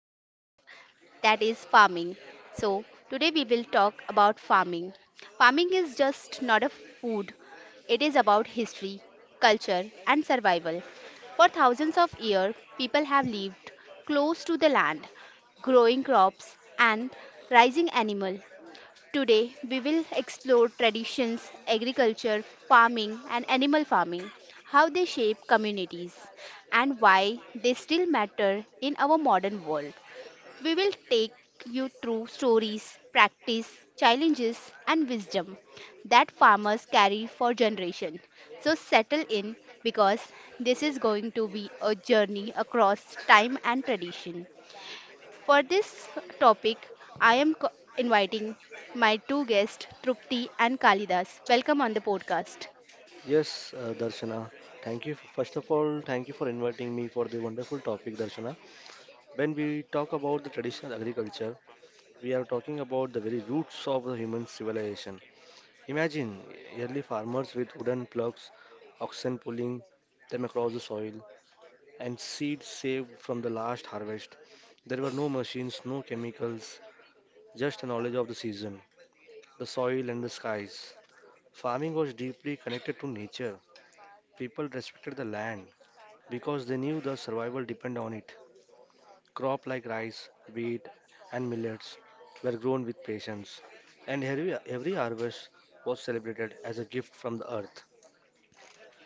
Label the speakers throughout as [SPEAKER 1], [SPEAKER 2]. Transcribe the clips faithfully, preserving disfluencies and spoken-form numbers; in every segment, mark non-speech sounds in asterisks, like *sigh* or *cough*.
[SPEAKER 1] episode that is farming. So, today we will talk about farming. Farming is just not a food, it is about history, culture, and survival. For thousands of years, people have lived close to the land, growing crops and raising animal. Today, we will explore traditions, agriculture, farming, and animal farming, how they shape communities, and why they still matter in our modern world. We will take you through stories, practice, challenges, and wisdom that farmers carry for generations. So, settle in because this is going to be a journey across time and tradition. For this topic, I am co- inviting my two guests, Trupti and Kalidas. Welcome on the podcast.
[SPEAKER 2] Yes, uh, Darshana. Thank you. First of all, thank you for inviting me for the wonderful topic, Darshana. When we talk about the traditional agriculture, we are talking about the very roots of the human civilization. Imagine early farmers with wooden plugs, oxen pulling them across the soil, and seeds saved from the last harvest. There were no machines, no chemicals, just a knowledge of the season, the soil, and the skies. Farming was deeply connected to nature. People respected the land because they knew the survival depended on it. Crop like rice, wheat, and millets were grown with patience, and every, every harvest was celebrated as a gift from the earth.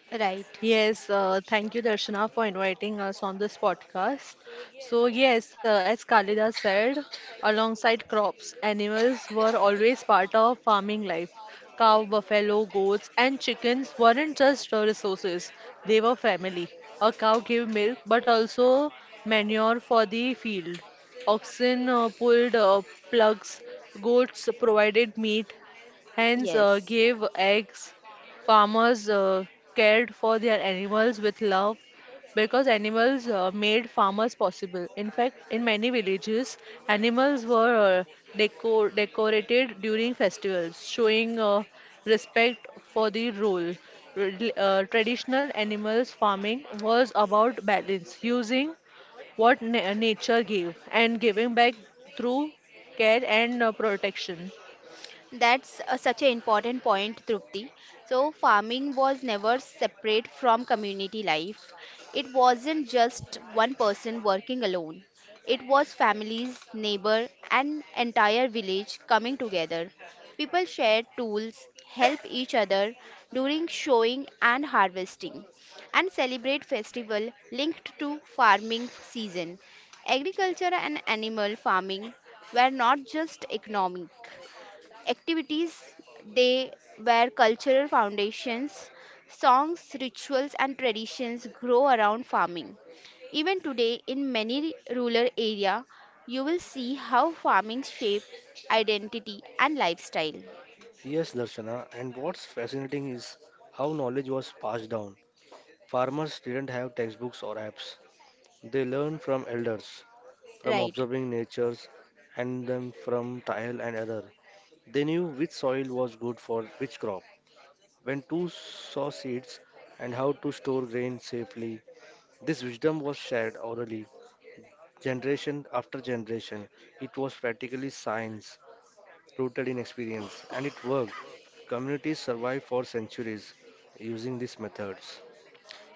[SPEAKER 1] Right.
[SPEAKER 3] Yes, uh, thank you, Darshana, for inviting us on this podcast. So, yes, uh, as Kalida said, alongside crops, animals were always part of farming life. Cow, buffalo, goats, and chickens weren't just uh, resources, they were family. A cow gave milk but also manure for the field. Oxen uh, pulled uh, plugs, goats provided meat, hens uh,
[SPEAKER 1] Yes.
[SPEAKER 3] gave eggs. Farmers uh, cared for their animals with love because animals uh, made farmers possible. In fact, in many villages, animals were uh, decor decorated during festivals, showing uh, respect for the role. Rel- Uh, traditional animals farming was about balance, using what na- nature gave and giving back through care and uh, protection.
[SPEAKER 1] That's uh, such an important point, Trupti. So, farming was never separate from community life. It wasn't just one person working alone, it was families, neighbor, and entire village coming together. People shared tools, help each other during showing and harvesting, and celebrate festival linked to farming season. Agriculture and animal farming were not just economic activities, they where cultural foundations, songs, rituals, and traditions grow around farming. Even today in many rural area you will see how farming shape identity and lifestyle.
[SPEAKER 2] Yes, Darshana, and what's fascinating is how knowledge was passed down. Farmers didn't have textbooks or apps. They learned from elders, from
[SPEAKER 1] Right.
[SPEAKER 2] observing natures, and then from trial and error. They knew which soil was good for which crop, when to sow seeds, and how to store grain safely. This wisdom was shared orally, generation after generation. It was practically science, rooted in experience, and it worked. Communities survived for centuries using these methods.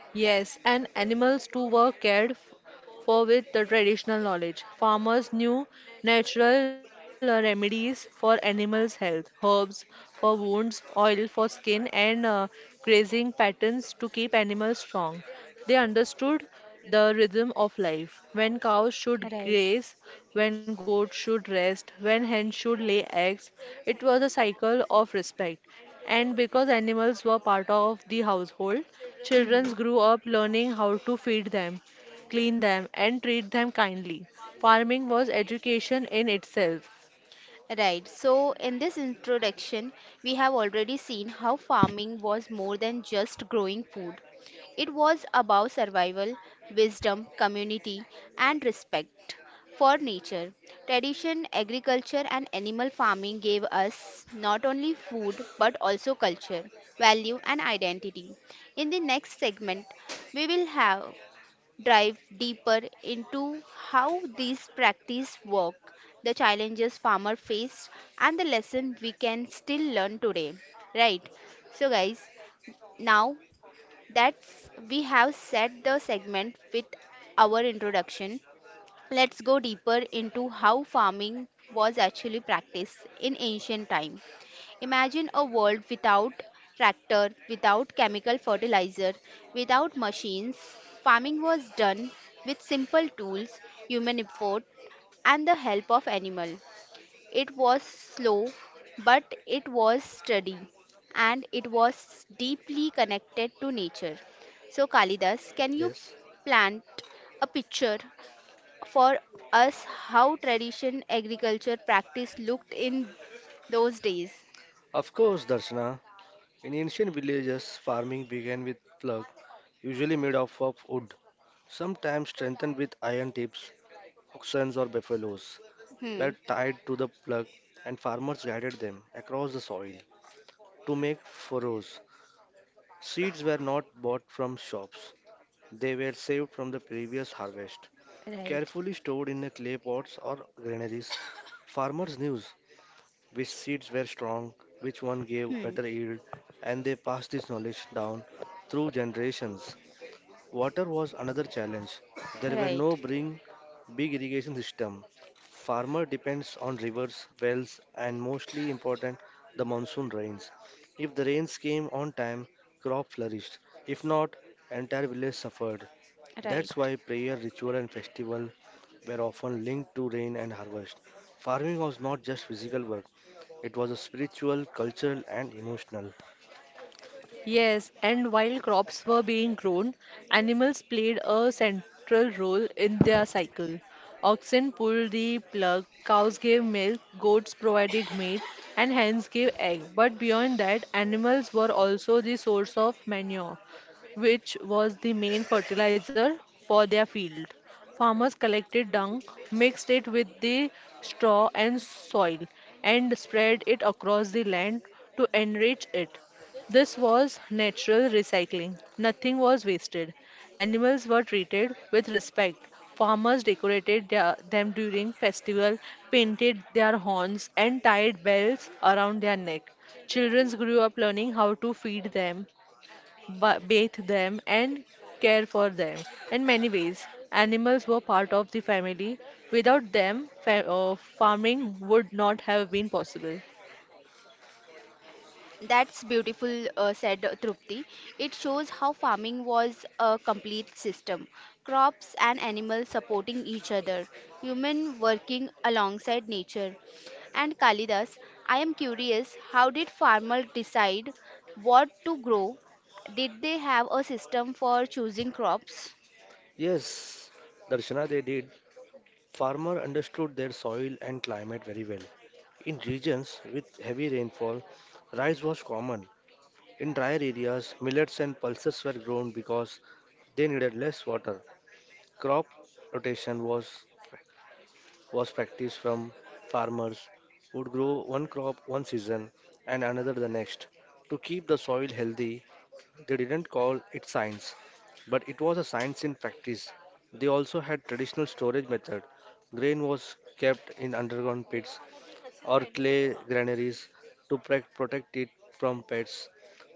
[SPEAKER 3] Yes, and animals too were cared f- for with the traditional knowledge. Farmers knew natural uh, remedies for animals' health, herbs for wounds, oil for skin, and uh, grazing patterns to keep animals strong. They understood the rhythm of life, when cows should
[SPEAKER 1] Right.
[SPEAKER 3] graze, when goats should rest, when hens should lay eggs. It was a cycle of respect. And because animals were part of the household, children
[SPEAKER 1] Mhm.
[SPEAKER 3] grew up learning how to feed them, clean them, and treat them kindly. Farming was education in itself.
[SPEAKER 1] Right, so in this introduction, we have already seen how farming was more than just growing food. It was about survival, wisdom, community, and respect for nature. Tradition, agriculture, and animal farming gave us not only food but also culture, value, and identity. In the next segment, we will have dive deeper into how these practices work, the challenges farmers faced, and the lesson we can still learn today. Right? So, guys, now that we have set the segment with our introduction, let's go deeper into how farming was actually practiced in ancient time. Imagine a world without tractor, without chemical fertilizer, without machines. Farming was done with simple tools, human effort, and the help of animal. It was slow, but it was steady, and it was deeply connected to nature. So, Kalidas, can you
[SPEAKER 2] Yes.
[SPEAKER 1] plant a picture for us how tradition agriculture practice looked in those days?
[SPEAKER 2] Of course, Darshana. In ancient villages, farming began with plug, usually made of of wood, sometimes strengthened with iron tips, oxens or buffaloes, were
[SPEAKER 1] Hmm.
[SPEAKER 2] tied to the plug, and farmers guided them across the soil to make furrows. Seeds were not bought from shops. They were saved from the previous harvest,
[SPEAKER 1] Right.
[SPEAKER 2] carefully stored in the clay pots or granaries. Farmers knew which seeds were strong, which one gave
[SPEAKER 1] Hmm.
[SPEAKER 2] better yield, and they passed this knowledge down through generations. Water was another challenge. There were no
[SPEAKER 1] Right.
[SPEAKER 2] bring big irrigation system. Farmer depends on rivers, wells, and mostly important the monsoon rains. If the rains came on time, crop flourished. If not, entire village suffered.
[SPEAKER 1] Right.
[SPEAKER 2] That's why prayer, ritual, and festival were often linked to rain and harvest. Farming was not just physical work, it was a spiritual, cultural, and emotional.
[SPEAKER 3] Yes, and while crops were being grown, animals played a central role in their cycle. Oxen pulled the plug, cows gave milk, goats provided meat, and hens gave egg. But beyond that, animals were also the source of manure, which was the main fertilizer for their field. Farmers collected dung, mixed it with the straw and soil, and spread it across the land to enrich it. This was natural recycling. Nothing was wasted. Animals were treated with respect. Farmers decorated their, them during festival, painted their horns and tied bells around their neck. Children grew up learning how to feed them, ba- bathe them, and care for them. In many ways, animals were part of the family. Without them, fa- uh, farming would not have been possible.
[SPEAKER 1] That's beautiful, uh, said uh, Trupti. It shows how farming was a complete system, crops and animals supporting each other, human working alongside nature. And Kalidas, I am curious, how did farmers decide what to grow? Did they have a system for choosing crops?
[SPEAKER 2] Yes, Darshana, they did. Farmer understood their soil and climate very well. In regions with heavy rainfall, rice was common. In drier areas, millets and pulses were grown because they needed less water. Crop rotation was was practiced from farmers would grow one crop one season and another the next. To keep the soil healthy, they didn't call it science, but it was a science in practice. They also had traditional storage method. Grain was kept in underground pits or clay granaries to pre- protect it from pests.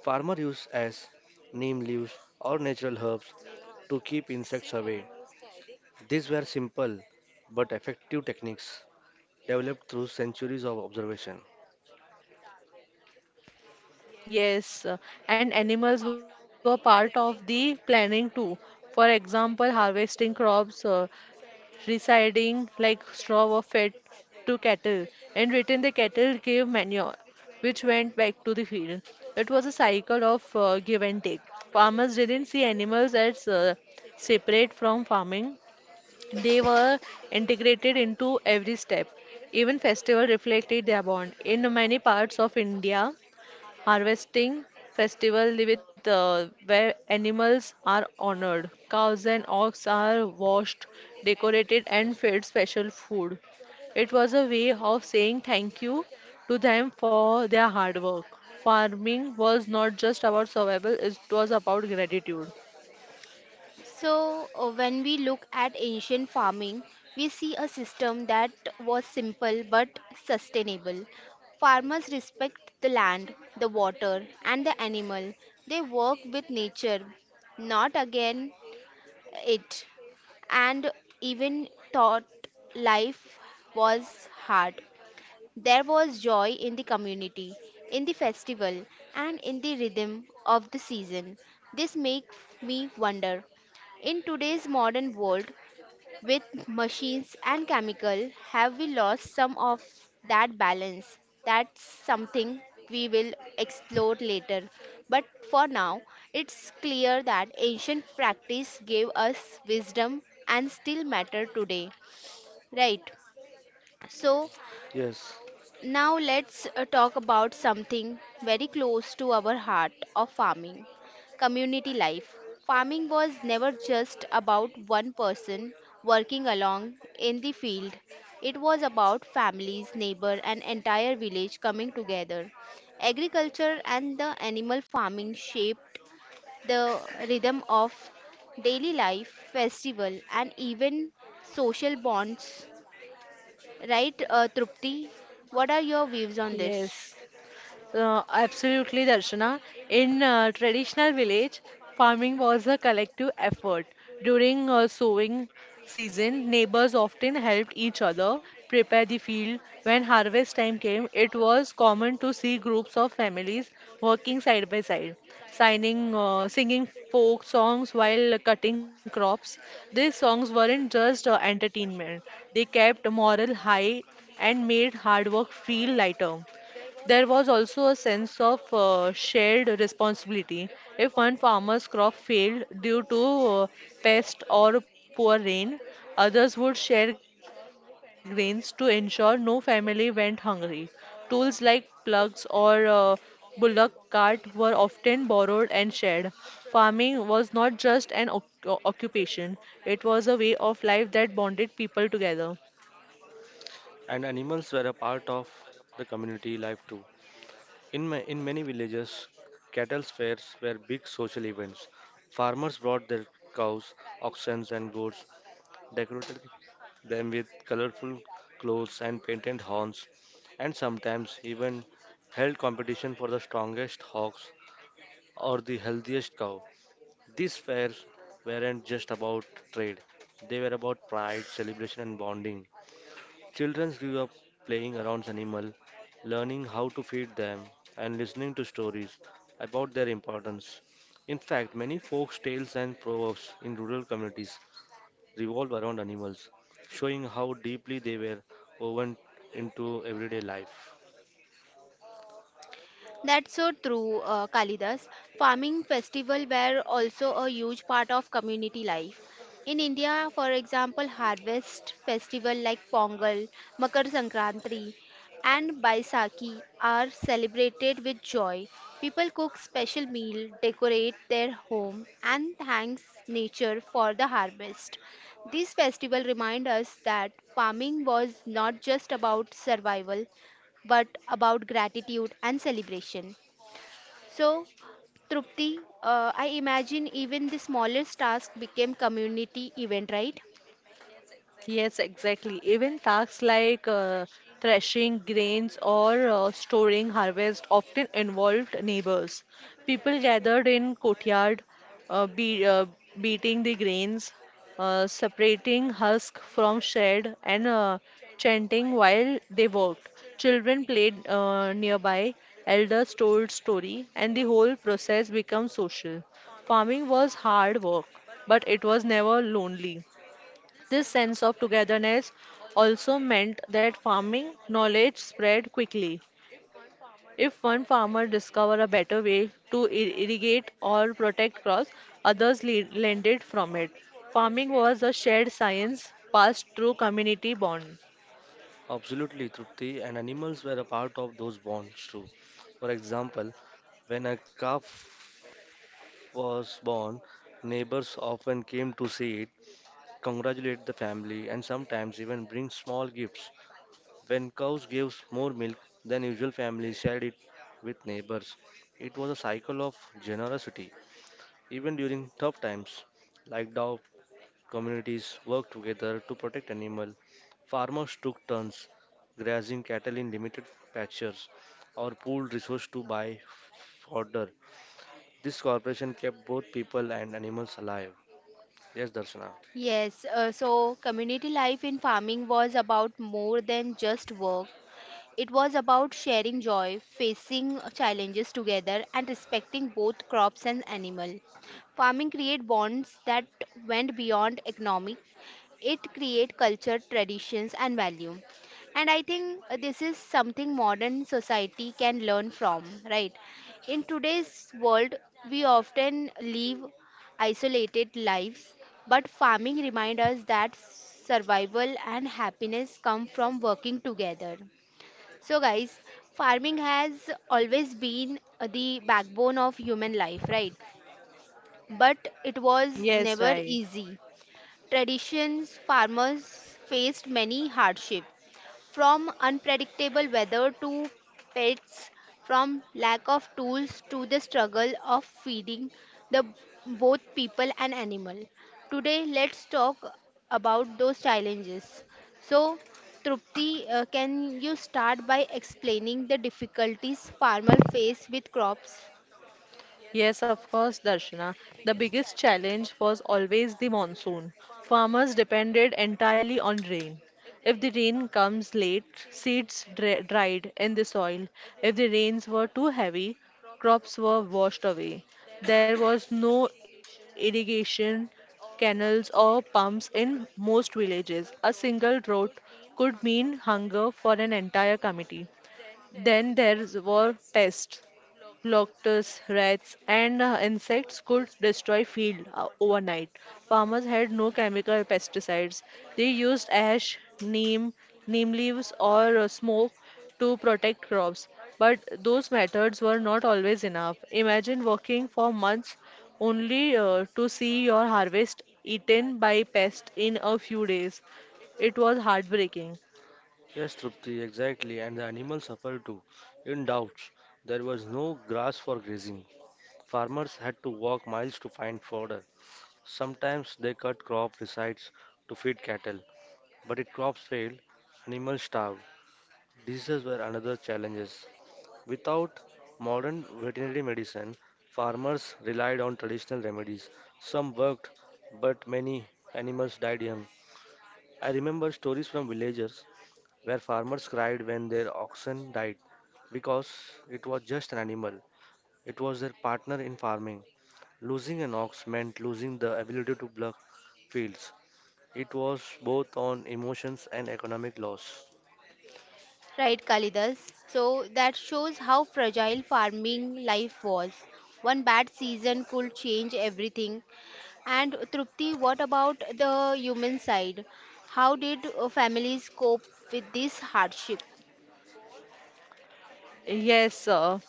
[SPEAKER 2] Farmer used as neem leaves or natural herbs to keep insects away. These were simple but effective techniques developed through centuries of observation.
[SPEAKER 3] Yes, uh, and animals were part of the planning too. For example, harvesting crops, uh, residing like straw were fed to cattle. In return, the cattle gave manure, which went back to the field. It was a cycle of uh, give and take. Farmers didn't see animals as uh, separate from farming, they were integrated into every step. Even festival reflected their bond. In many parts of India, harvesting festival with uh, where animals are honored. Cows and ox are washed, decorated, and fed special food. It was a way of saying thank you to them for their hard work. Farming was not just about survival, it was about gratitude.
[SPEAKER 1] So, uh, when we look at ancient farming, we see a system that was simple but sustainable. Farmers respect the land, the water, and the animal. They work with nature, not again it. And even thought life was hard, there was joy in the community, in the festival, and in the rhythm of the season. This makes me wonder, in today's modern world, with machines and chemical, have we lost some of that balance? That's something we will explore later. But for now, it's clear that ancient practice gave us wisdom and still matter today. Right. So
[SPEAKER 2] Yes,
[SPEAKER 1] now let's uh, talk about something very close to our heart of farming, community life. Farming was never just about one person working along in the field. It was about families, neighbor and entire village coming together. Agriculture and the animal farming shaped the rhythm of daily life, festival and even social bonds. Right, uh, Trupti? What are your views on this?
[SPEAKER 3] Yes. So, absolutely, Darshana. In uh, traditional village, farming was a collective effort. During uh, sowing season, neighbors often helped each other prepare the field. When harvest time came, it was common to see groups of families working side by side, signing, uh, singing folk songs while cutting crops. These songs weren't just uh, entertainment; they kept morale high and made hard work feel lighter. There was also a sense of uh, shared responsibility. If one farmer's crop failed due to uh, pest or poor rain, others would share grains to ensure no family went hungry. Tools like plugs or uh, bullock cart were often borrowed and shared. Farming was not just an oc- occupation, it was a way of life that bonded people together.
[SPEAKER 2] and animals were a part of the community life too. In, ma- in many villages, cattle fairs were big social events. Farmers brought their cows, oxen, and goats, decorated them with colorful clothes and painted horns, and sometimes even held competition for the strongest hogs or the healthiest cow. These fairs weren't just about trade, they were about pride, celebration, and bonding. Children grew up playing around animals, learning how to feed them, and listening to stories about their importance. In fact, many folk tales and proverbs in rural communities revolve around animals, showing how deeply they were woven into everyday life.
[SPEAKER 1] That's so true, uh, Kalidas. Farming festival were also a huge part of community life. In India, for example, harvest festival like Pongal, Makar Sankranti, and Baisakhi are celebrated with joy. People cook special meal, decorate their home, and thanks nature for the harvest. These festivals remind us that farming was not just about survival, but about gratitude and celebration. So, Trupti, uh, I imagine even the smallest task became community event, right?
[SPEAKER 3] Yes, exactly. Even tasks like uh, threshing grains or uh, storing harvest often involved neighbors. People gathered in courtyard, uh, be, uh, beating the grains, uh, separating husk from shred, and uh, chanting while they worked. Children played uh, nearby, elders told story, and the whole process became social. Farming was hard work, but it was never lonely. This sense of togetherness also meant that farming knowledge spread quickly. If one farmer discovered a better way to ir- irrigate or protect crops, others le- learned from it. Farming was a shared science passed through community bond.
[SPEAKER 2] Absolutely, Trupti, and animals were a part of those bonds too. For example, when a calf was born, neighbors often came to see it, congratulate the family, and sometimes even bring small gifts. When cows gives more milk than usual, families shared it with neighbors. It was a cycle of generosity. Even during tough times, like dog communities worked together to protect animal. Farmers took turns grazing cattle in limited pastures or pooled resources to buy fodder. This cooperation kept both people and animals alive. Yes, Darshana.
[SPEAKER 1] Yes, uh, so community life in farming was about more than just work. It was about sharing joy, facing challenges together, and respecting both crops and animal. Farming create bonds that went beyond economic. It create culture, traditions, and value. And I think uh, this is something modern society can learn from, right? In today's world, we often live isolated lives, but farming reminds us that survival and happiness come from working together. So, guys, farming has always been uh, the backbone of human life, right? But it was
[SPEAKER 3] Yes,
[SPEAKER 1] never
[SPEAKER 3] right.
[SPEAKER 1] easy. Traditions, farmers faced many hardships, from unpredictable weather to pests, from lack of tools to the struggle of feeding the both people and animal. Today, let's talk about those challenges. So, Trupti, uh, can you start by explaining the difficulties farmers face with crops?
[SPEAKER 3] Yes, of course, Darshana. The biggest challenge was always the monsoon. Farmers depended entirely on rain. If the rain comes late, seeds dri- dried in the soil. If the rains were too heavy, crops were washed away. There was no irrigation, canals, or pumps in most villages. A single drought could mean hunger for an entire community. Then there were pests. Locusts, rats, and uh, insects could destroy field uh, overnight. Farmers had no chemical pesticides. They used ash, neem, neem leaves, or uh, smoke to protect crops. But those methods were not always enough. Imagine working for months only uh, to see your harvest eaten by pests in a few days. It was heartbreaking.
[SPEAKER 2] Yes, Trupti, exactly, and the animals suffered too. In doubts, there was no grass for grazing. Farmers had to walk miles to find fodder. Sometimes they cut crop resides to feed cattle, but if crops failed, animals starved. Diseases were another challenges. Without modern veterinary medicine, farmers relied on traditional remedies. Some worked, but many animals died young. I remember stories from villagers where farmers cried when their oxen died because it was just an animal, it was their partner in farming. Losing an ox meant losing the ability to plough fields. It was both on emotions and economic loss.
[SPEAKER 1] Right, Kalidas. So that shows how fragile farming life was. One bad season could change everything. And Trupti, what about the human side? How did uh, families cope with this hardship?
[SPEAKER 3] Yes, sir.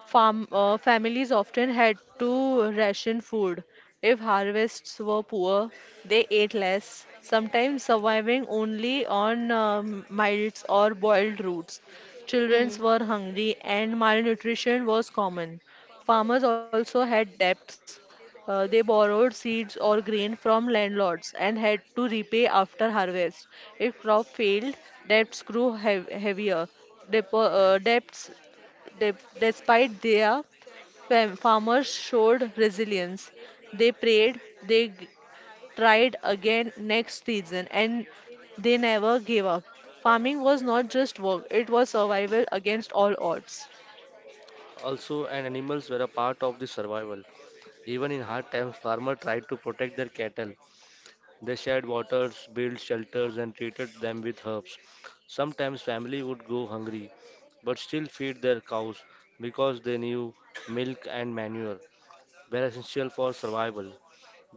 [SPEAKER 3] Farm uh, Families often had to ration food. If harvests were poor, they ate less, sometimes surviving only on um, mites or boiled roots. Children
[SPEAKER 1] Hmm.
[SPEAKER 3] were hungry and malnutrition was common. Farmers also had debts. Uh, they borrowed seeds or grain from landlords and had to repay after harvest. If crop failed, debts grew heav- heavier. Depo- uh, debts De- despite their fam- farmers showed resilience. They prayed, they g- tried again next season, and they never gave up. Farming was not just work, it was survival against all odds.
[SPEAKER 2] Also, and animals were a part of the survival. Even in hard times, farmers tried to protect their cattle. They shared waters, built shelters, and treated them with herbs. Sometimes family would go hungry, but still feed their cows because they knew milk and manure were essential for survival.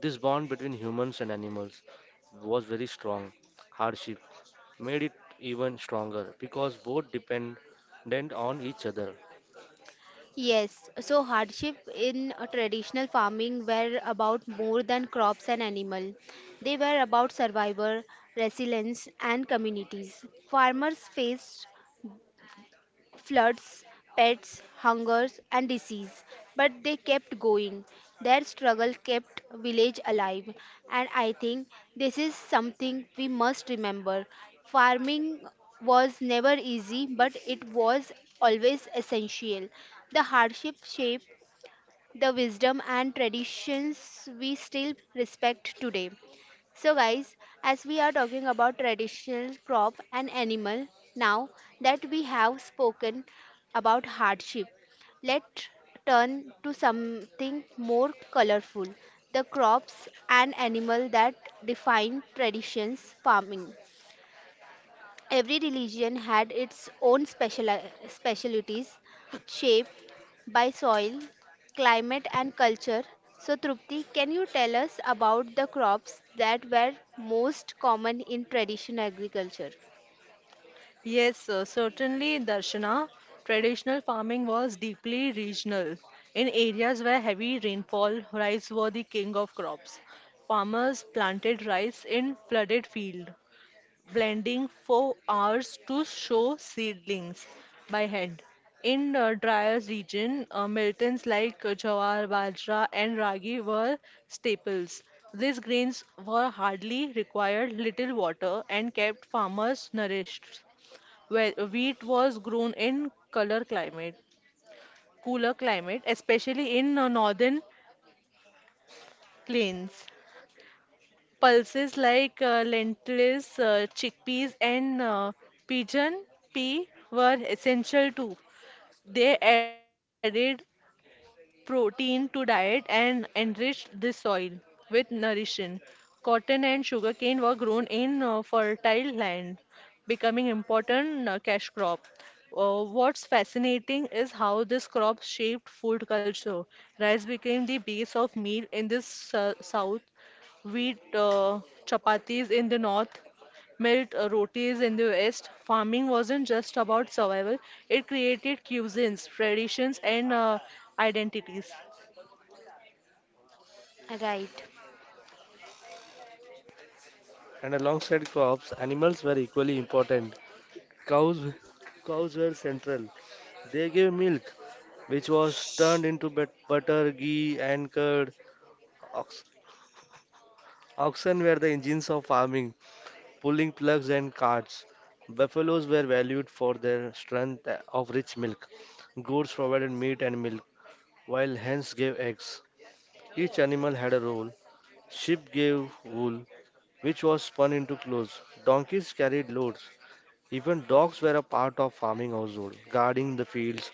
[SPEAKER 2] This bond between humans and animals was very strong. Hardship made it even stronger because both dependent on each other.
[SPEAKER 1] Yes, so hardship in a traditional farming were about more than crops and animal. They were about survival, resilience, and communities. Farmers faced floods, pets, hungers, and disease. But they kept going. Their struggle kept village alive. And I think this is something we must remember. Farming was never easy, but it was always essential. The hardship shaped the wisdom and traditions we still respect today. So, guys, as we are talking about traditional crop and animal, now that we have spoken about hardship, let's turn to something more colorful, the crops and animal that define traditions farming. Every religion had its own special, specialities, shaped by soil, climate, and culture. So, Trupti, can you tell us about the crops that were most common in traditional agriculture?
[SPEAKER 3] Yes, sir, certainly, Darshana. Traditional farming was deeply regional. In areas where heavy rainfall, rice were the king of crops. Farmers planted rice in flooded fields, blending for hours to show seedlings by hand. In the drier region, uh, miltons like uh, jawar, bajra, and ragi were staples. These grains were hardly required little water and kept farmers nourished. Where wheat was grown in color climate, cooler climate, especially in uh, northern plains. Pulses like uh, lentils, uh, chickpeas, and uh, pigeon pea were essential too. They added protein to diet and enriched the soil with nutrition. Cotton and sugarcane were grown in uh, fertile land, becoming important uh, cash crop. Uh, what's fascinating is how this crop shaped food culture. Rice became the base of meal in the s- south, wheat, uh, chapatis in the north, Melt uh, rotis in the West. Farming wasn't just about survival, it created cuisines, traditions, and uh, identities.
[SPEAKER 1] Right.
[SPEAKER 2] And alongside crops, animals were equally important. Cows, cows were central. They gave milk, which was turned into but- butter, ghee, and curd. Ox- Oxen were the engines of farming, pulling plugs and carts. Buffaloes were valued for their strength of rich milk. Goats provided meat and milk, while hens gave eggs. Each animal had a role. Sheep gave wool, which was spun into clothes. Donkeys carried loads. Even dogs were a part of farming household, guarding the fields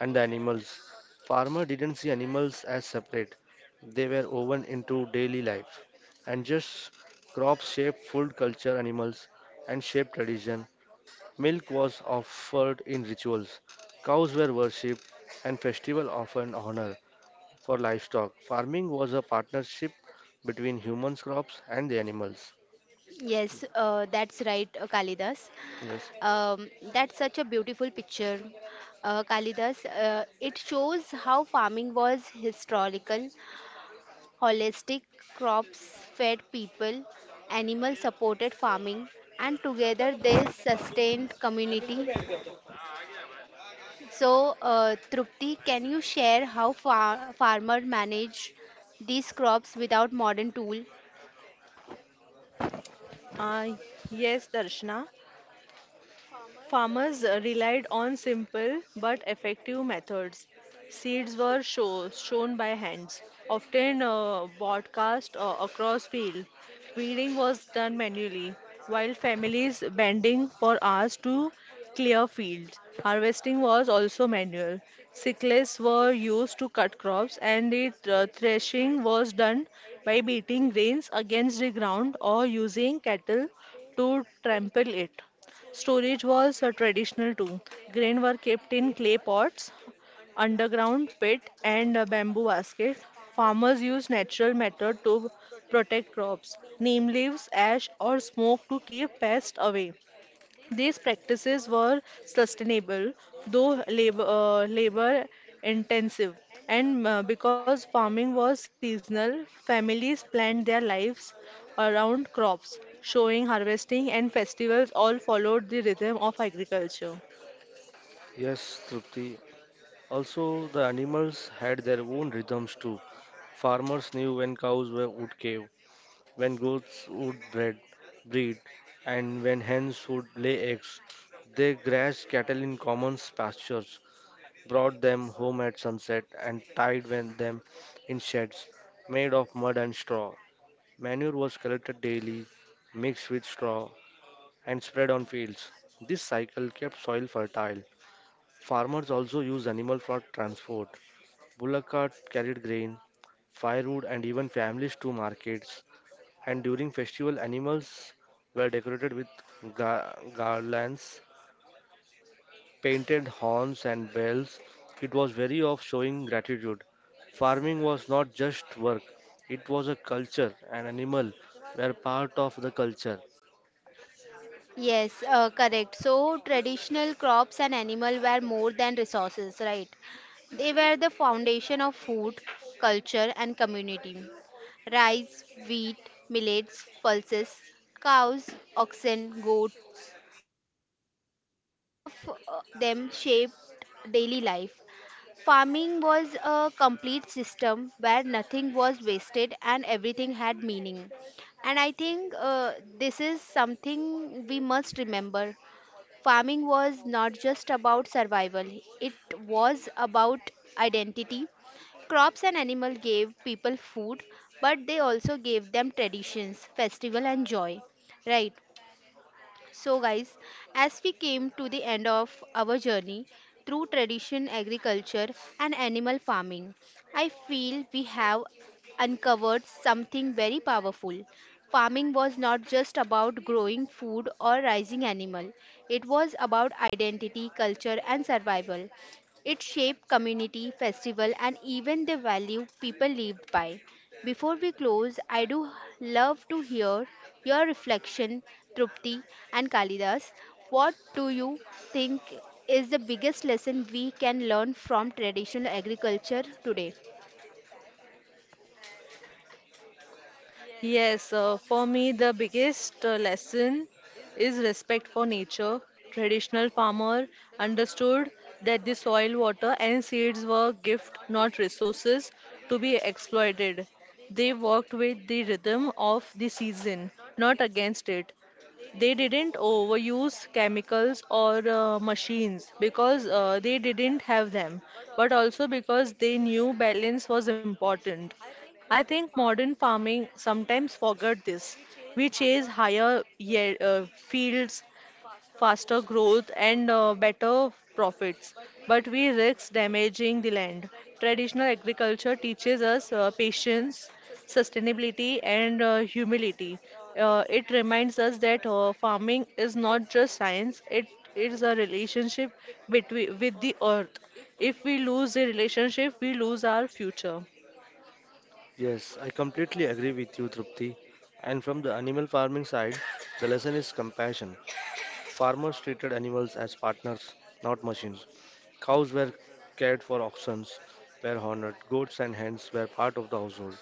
[SPEAKER 2] and the animals. Farmer didn't see animals as separate. They were woven into daily life. And just crops shaped food culture, animals, and shaped tradition. Milk was offered in rituals, cows were worshipped, and festival often honor for livestock. Farming was a partnership between humans, crops, and the animals.
[SPEAKER 1] Yes, uh, that's right, uh, Kalidas.
[SPEAKER 2] Yes.
[SPEAKER 1] Um, that's such a beautiful picture, uh, Kalidas. Uh, it shows how farming was historical holistic, crops fed people, animal supported farming, and together they sustained community. So, uh, Trupti, can you share how far- farmer manage these crops without modern tool?
[SPEAKER 3] Uh, yes, Darshana. Farmers relied on simple but effective methods. Seeds were show, shown by hands, often uh, broadcast uh, across field. Weeding was done manually, while families bending for hours to clear fields. Harvesting was also manual. Sickles were used to cut crops, and the uh, threshing was done by beating grains against the ground or using cattle to trample it. Storage was uh, traditional too. Grain were kept in clay pots, underground pit, and a bamboo basket. Farmers used natural method to protect crops, neem leaves, ash, or smoke to keep pests away. These practices were sustainable, though labor, uh, labor intensive, and uh, because farming was seasonal, families planned their lives around crops. Showing, harvesting, and festivals all followed the rhythm of agriculture.
[SPEAKER 2] Yes, Trupti. Also, the animals had their own rhythms too. Farmers knew when cows were, would cave, when goats would bred, breed, and when hens would lay eggs. They grazed cattle in common pastures, brought them home at sunset, and tied when- them in sheds made of mud and straw. Manure was collected daily, mixed with straw, and spread on fields. This cycle kept soil fertile. Farmers also used animal for transport. Bullock carts carried grain, firewood, and even families to markets. And during festival, animals were decorated with gar- garlands, painted horns, and bells. It was very of showing gratitude. Farming was not just work, it was a culture, and animal were part of the culture.
[SPEAKER 1] Yes, uh, correct. So traditional crops and animal were more than resources, right? They were the foundation of food, culture, and community. Rice, wheat, millets, pulses, cows, oxen, goats. So all of uh, them shaped daily life. Farming was a complete system where nothing was wasted and everything had meaning. And I think uh, this is something we must remember. Farming was not just about survival, it was about identity. Crops and animals gave people food, but they also gave them traditions, festival, and joy. Right? So, guys, as we came to the end of our journey through tradition, agriculture, and animal farming, I feel we have uncovered something very powerful. Farming was not just about growing food or raising animal. It was about identity, culture and survival. It shaped community, festival, and even the value people lived by. Before we close, I do love to hear your reflection, Trupti and Kalidas. What do you think is the biggest lesson we can learn from traditional agriculture today?
[SPEAKER 3] Yes, uh, for me, the biggest uh, lesson is respect for nature. Traditional farmer understood that the soil, water, and seeds were gift, not resources to be exploited. They worked with the rhythm of the season, not against it. They didn't overuse chemicals or uh, machines because uh, they didn't have them, but also because they knew balance was important. I think modern farming sometimes forget this. We chase higher ye- uh, fields, faster growth and uh, better profits, but we risk damaging the land. Traditional agriculture teaches us uh, patience, sustainability, and uh, humility. Uh, it reminds us that uh, farming is not just science, it is a relationship between with the earth. If we lose the relationship, we lose our future.
[SPEAKER 2] Yes, I completely agree with you, Trupti. And from the animal farming side, the lesson is compassion. Farmers treated animals as partners, not machines. Cows were cared for, oxen were honored, goats and hens were part of the household.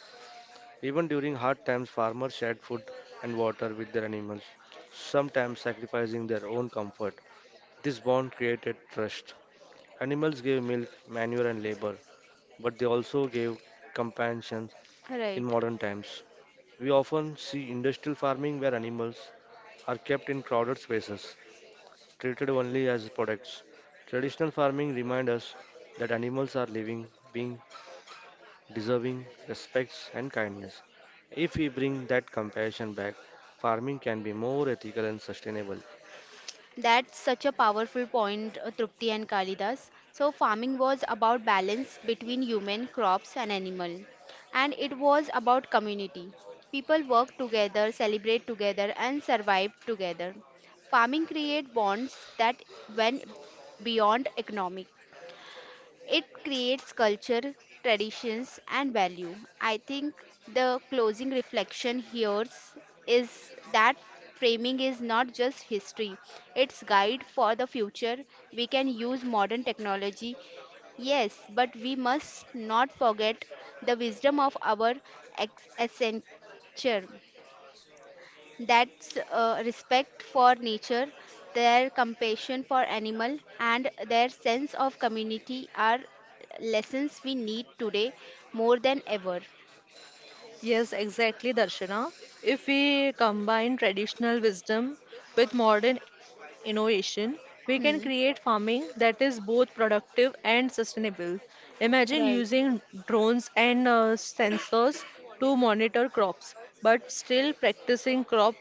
[SPEAKER 2] Even during hard times, farmers shared food and water with their animals, sometimes sacrificing their own comfort. This bond created trust. Animals gave milk, manure, and labor, but they also gave companions in
[SPEAKER 1] Right.
[SPEAKER 2] modern times. We often see industrial farming where animals are kept in crowded spaces, treated only as products. Traditional farming reminds us that animals are living, being deserving, respects, and kindness. If we bring that compassion back, farming can be more ethical and sustainable.
[SPEAKER 1] That's such a powerful point, uh, Trupti and Kalidas. So, farming was about balance between human, crops, and animal. And it was about community. People work together, celebrate together, and survive together. Farming create bonds that went beyond economic. It creates culture, traditions, and value. I think the closing reflection here is that framing is not just history, it's guide for the future. We can use modern technology. Yes, but we must not forget the wisdom of our ex- ancestor. That's uh, respect for nature, their compassion for animal, and their sense of community are lessons we need today more than ever.
[SPEAKER 3] Yes, exactly, Darshana. If we combine traditional wisdom with modern innovation, we can create
[SPEAKER 1] Hmm.
[SPEAKER 3] farming that is both productive and sustainable. Imagine
[SPEAKER 1] Right.
[SPEAKER 3] using drones and uh, sensors to monitor crops, but still practicing crop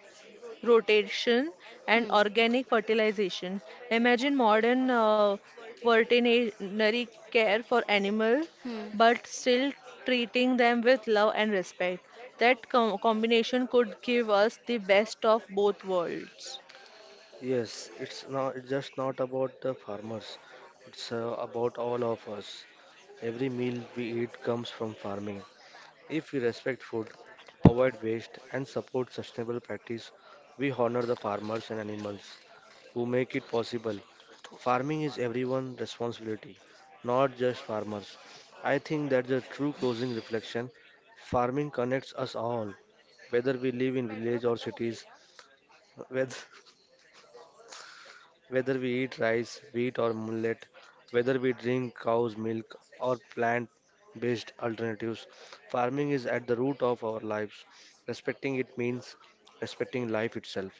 [SPEAKER 3] rotation and
[SPEAKER 1] Hmm.
[SPEAKER 3] organic fertilization. Imagine modern uh, veterinary care for animal
[SPEAKER 1] Hmm.
[SPEAKER 3] but still treating them with love and respect. That com- combination could give us the best of both worlds.
[SPEAKER 2] Yes, it's not it's just not about the farmers. It's uh, about all of us. Every meal we eat comes from farming. If we respect food, avoid waste, and support sustainable practice, we honor the farmers and animals who make it possible. Farming is everyone's responsibility, not just farmers. I think that's the true closing reflection. Farming connects us all, whether we live in village or cities, *laughs* whether Whether we eat rice, wheat, or millet, whether we drink cow's milk or plant based alternatives, farming is at the root of our lives. Respecting it means respecting life itself.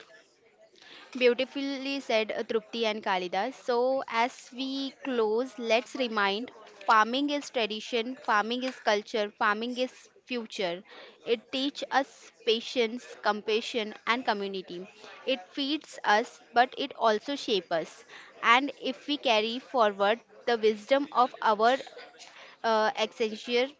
[SPEAKER 1] Beautifully said uh, Trupti and Kalidas. So, as we close, let's remind, farming is tradition, farming is culture, farming is future. It teaches us patience, compassion, and community. It feeds us, but it also shapes us. And if we carry forward the wisdom of our uh, ancestors,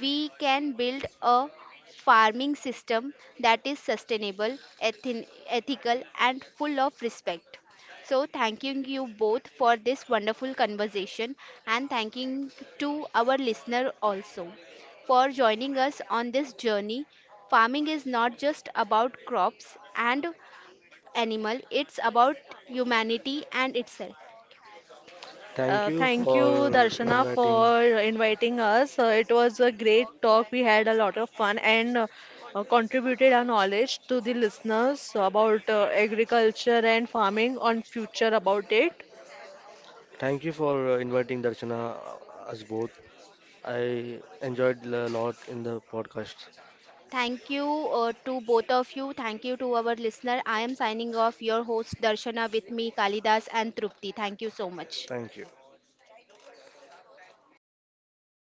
[SPEAKER 1] we can build a farming system that is sustainable, ethin- ethical, and full of respect. So, thanking you both for this wonderful conversation, and thanking to our listener also for joining us on this journey. Farming is not just about crops and animal, it's about humanity and itself.
[SPEAKER 2] Thank
[SPEAKER 3] Uh,
[SPEAKER 2] you
[SPEAKER 3] thank you,
[SPEAKER 2] for
[SPEAKER 3] Darshana,
[SPEAKER 2] inviting.
[SPEAKER 3] for inviting us. Uh, it was a great talk. We had a lot of fun and uh, uh, contributed our knowledge to the listeners about uh, agriculture and farming on future about it.
[SPEAKER 2] Thank you for uh, inviting Darshana uh, us both. I enjoyed a lot in the podcast.
[SPEAKER 1] Thank you uh, to both of you. Thank you to our listener. I am signing off. Your host Darshana with me, Kalidas and Trupti. Thank you so much.
[SPEAKER 2] Thank you.